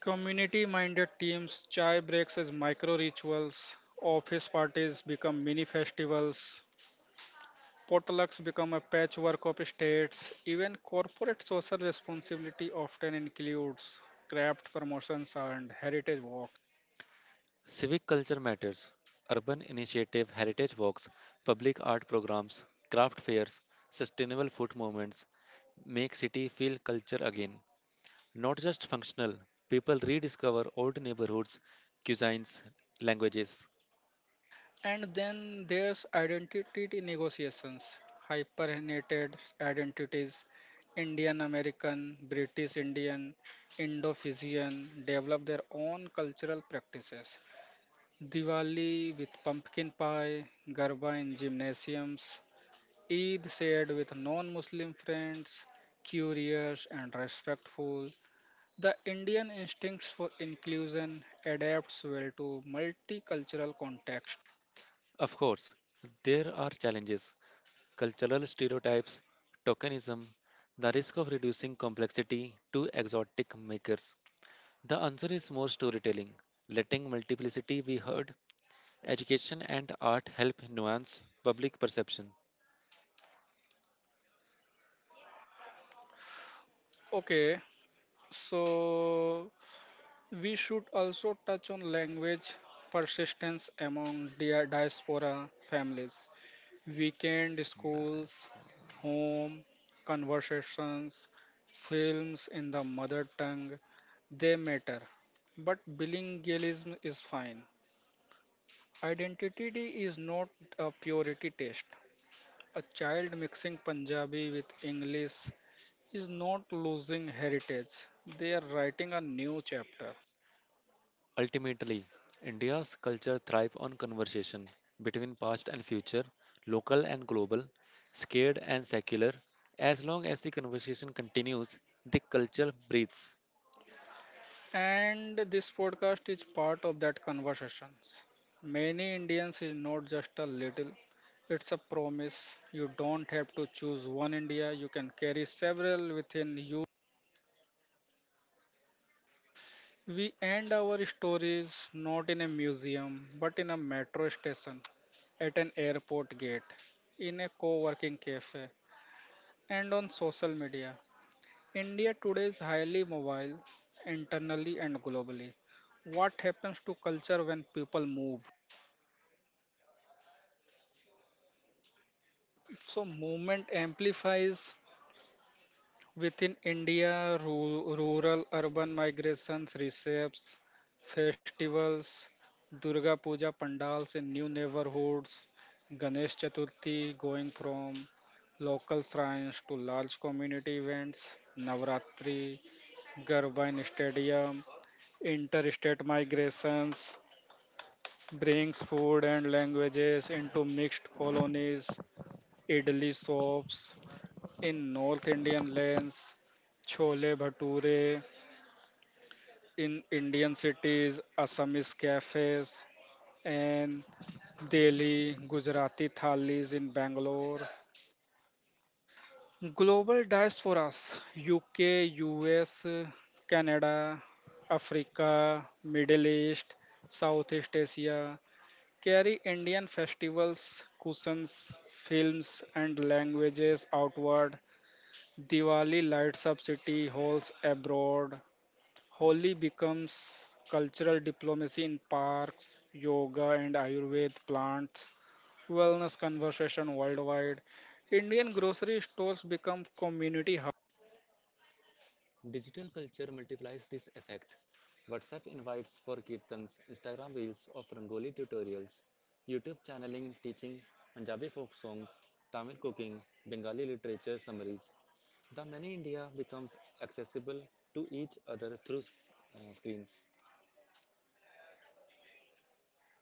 Speaker 1: community minded teams, chai breaks as micro rituals, office parties become mini festivals, potlucks become a patchwork of states, even corporate social responsibility often includes craft promotions and heritage walks.
Speaker 2: Civic culture matters. Urban initiative, heritage walks, public art programs, craft fairs, sustainable food movements make city feel culture again. Not just functional, people rediscover old neighborhoods, cuisines, languages.
Speaker 1: And then there's identity negotiations, hypernated identities: Indian American, British Indian, Indo Fijian develop their own cultural practices. Diwali with pumpkin pie, Garba in gymnasiums, Eid shared with non Muslim friends, curious and respectful. The Indian instincts for inclusion adapts well to multicultural context.
Speaker 2: Of course, there are challenges: cultural stereotypes, tokenism, the risk of reducing complexity to exotic makers. The answer is more storytelling, letting multiplicity be heard. Education and art help nuance public perception.
Speaker 1: Okay, so we should also touch on language persistence among diaspora families. Weekend schools, home, conversations, films in the mother tongue, they matter. But bilingualism is fine. Identity is not a purity test. A child mixing Punjabi with English is not losing heritage, they are writing a new chapter.
Speaker 2: Ultimately, India's culture thrives on conversation between past and future, local and global, scared and secular. As long as the conversation continues, the culture breathes.
Speaker 1: And this podcast is part of that conversations. Many Indians is not just a little, it's a promise. You don't have to choose one India, you can carry several within you. We end our stories not in a museum, but in a metro station, at an airport gate, in a co working cafe, and on social media. India today is highly mobile, internally and globally. What happens to culture when people move? So movement amplifies within India, rural, urban migrations, receipts, festivals, Durga Puja pandals in new neighborhoods, Ganesh Chaturthi going from local shrines to large community events, Navratri, Garba in stadium, interstate migrations, brings food and languages into mixed colonies, idli shops, in North Indian lanes, chole bhature. In Indian cities, Assamese cafes. And Delhi, Gujarati thalis in Bangalore. Global diasporas, UK, US, Canada, Africa, Middle East, Southeast Asia carry Indian festivals, cuisines, films, and languages outward. Diwali lights up city halls abroad. Holi becomes cultural diplomacy in parks, yoga and Ayurved plants, wellness conversation worldwide. Indian grocery stores become community hub.
Speaker 2: Digital culture multiplies this effect. WhatsApp invites for kirtans, Instagram reels of Rangoli tutorials, YouTube channeling teaching Punjabi folk songs, Tamil cooking, Bengali literature summaries. The many India becomes accessible to each other through screens.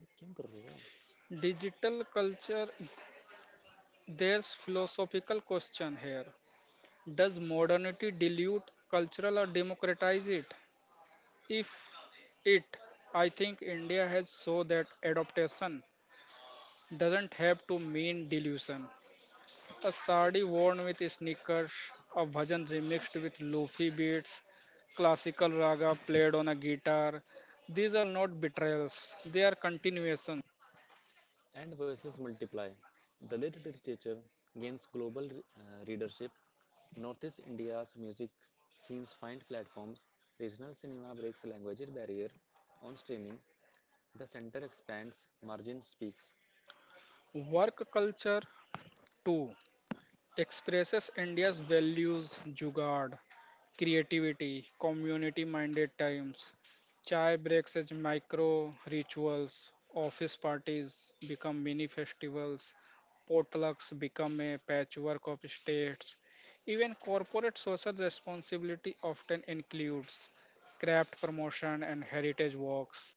Speaker 2: ये क्यों कर रहे हो?
Speaker 1: Digital culture, there's philosophical question here. Does modernity dilute cultural or democratize it? If it, I think India has so that adaptation doesn't have to mean delusion. A sari worn with sneakers, a bhajan remixed with lofi beats, classical raga played on a guitar. These are not betrayals, they are continuation.
Speaker 2: And versus multiply. Dalit literature gains global readership. Northeast India's music scenes find platforms. Regional cinema breaks languages barrier. On streaming, the center expands, margin speaks.
Speaker 1: Work culture too expresses India's values: jugaad, creativity, community minded times, chai breaks as micro rituals, office parties become mini festivals, potlucks become a patchwork of states. Even corporate social responsibility often includes craft promotion and heritage walks.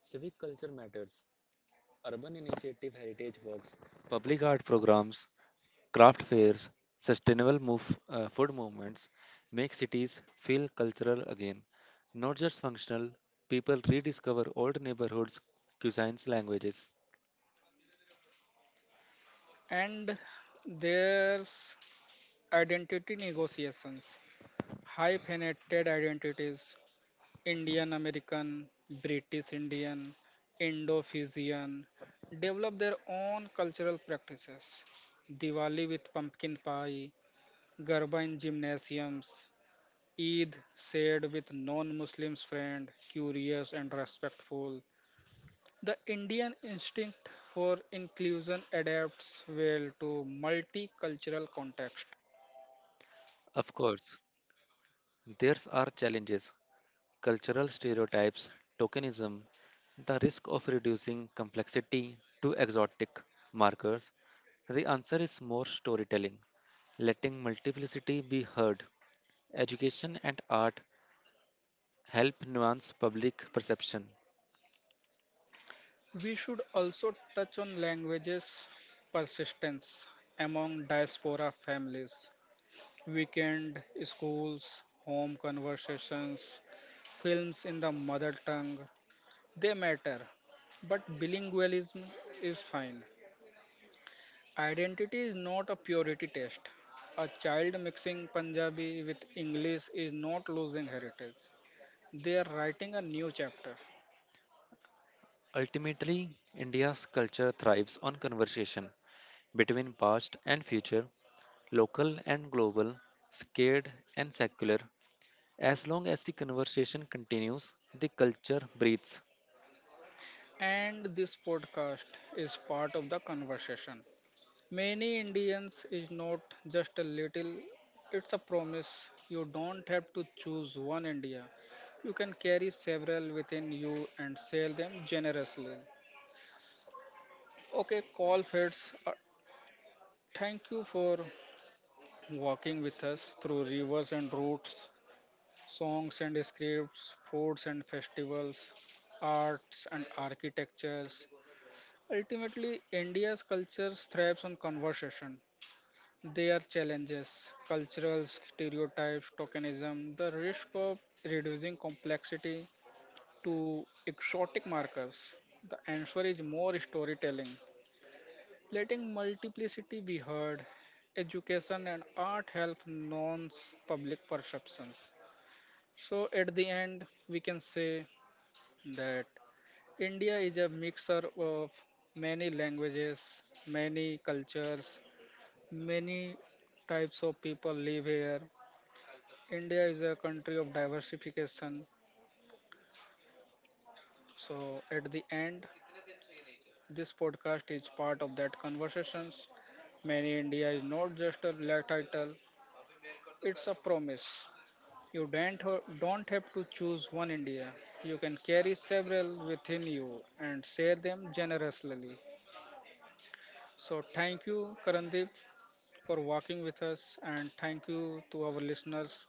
Speaker 2: Civic culture matters. Urban initiative heritage walks, public art programs, craft fairs, sustainable food movements make cities feel cultural again, not just functional. People rediscover old neighborhoods, cuisines, languages.
Speaker 1: And there's identity negotiations, hyphenated identities: Indian American, British Indian, Indo Fijian developed their own cultural practices. Diwali with pumpkin pie, Garba in gymnasiums, Eid shared with non Muslims friend, curious and respectful. The Indian instinct for inclusion adapts well to multicultural context.
Speaker 2: Of course, there are challenges: cultural stereotypes, tokenism, the risk of reducing complexity to exotic markers. The answer is more storytelling, letting multiplicity be heard. Education and art help nuance public perception.
Speaker 1: We should also touch on languages persistence among diaspora families. Weekend schools, home conversations, films in the mother tongue, they matter. But bilingualism is fine. Identity is not a purity test. A child mixing Punjabi with English is not losing heritage. They are writing a new chapter.
Speaker 2: Ultimately, India's culture thrives on conversation between past and future, local and global, scared and secular. As long as the conversation continues, the culture breathes.
Speaker 1: And this podcast is part of the conversation. Many Indians is not just a little, it's a promise. You don't have to choose one India. You can carry several within you and sell them generously. Okay, call fits. Thank you for walking with us through rivers and roots, songs and scripts, foods and festivals, arts and architectures. Ultimately, India's culture thrives on conversation. Their challenges: cultural stereotypes, tokenism, the risk of reducing complexity to exotic markers. The answer is more storytelling. Letting multiplicity be heard, education and art help nonce public perceptions. So, at the end, we can say that India is a mixer of many languages, many cultures, many types of people live here. India is a country of diversification. So, at the end, this podcast is part of that conversations. Many India is not just a title, it's a promise. You don't have to choose one India. You can carry several within you and share them generously. So, thank you, Karandeep, for walking with us, and thank you to our listeners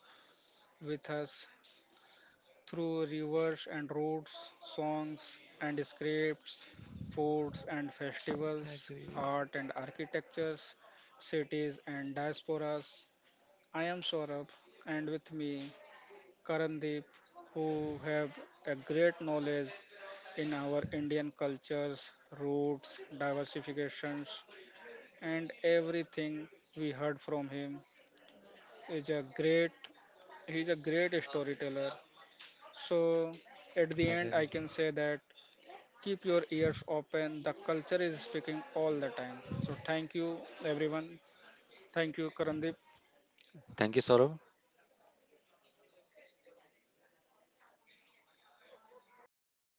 Speaker 1: with us through rivers and roads, songs and scripts, foods and
Speaker 2: क्या
Speaker 1: festivals,
Speaker 2: करिए?
Speaker 1: art and architectures, cities and diasporas. I am Saurabh, and with me, Karandeep, who have a great knowledge in our Indian cultures, roots, diversifications, and everything we heard from him is a great. He is a great storyteller. So, at the
Speaker 2: है क्या
Speaker 1: end,
Speaker 2: ji?
Speaker 1: I can say that keep your ears open. The culture is speaking all the time. So, thank you, everyone. Thank you, Karandeep.
Speaker 2: Thank you, Saurabh.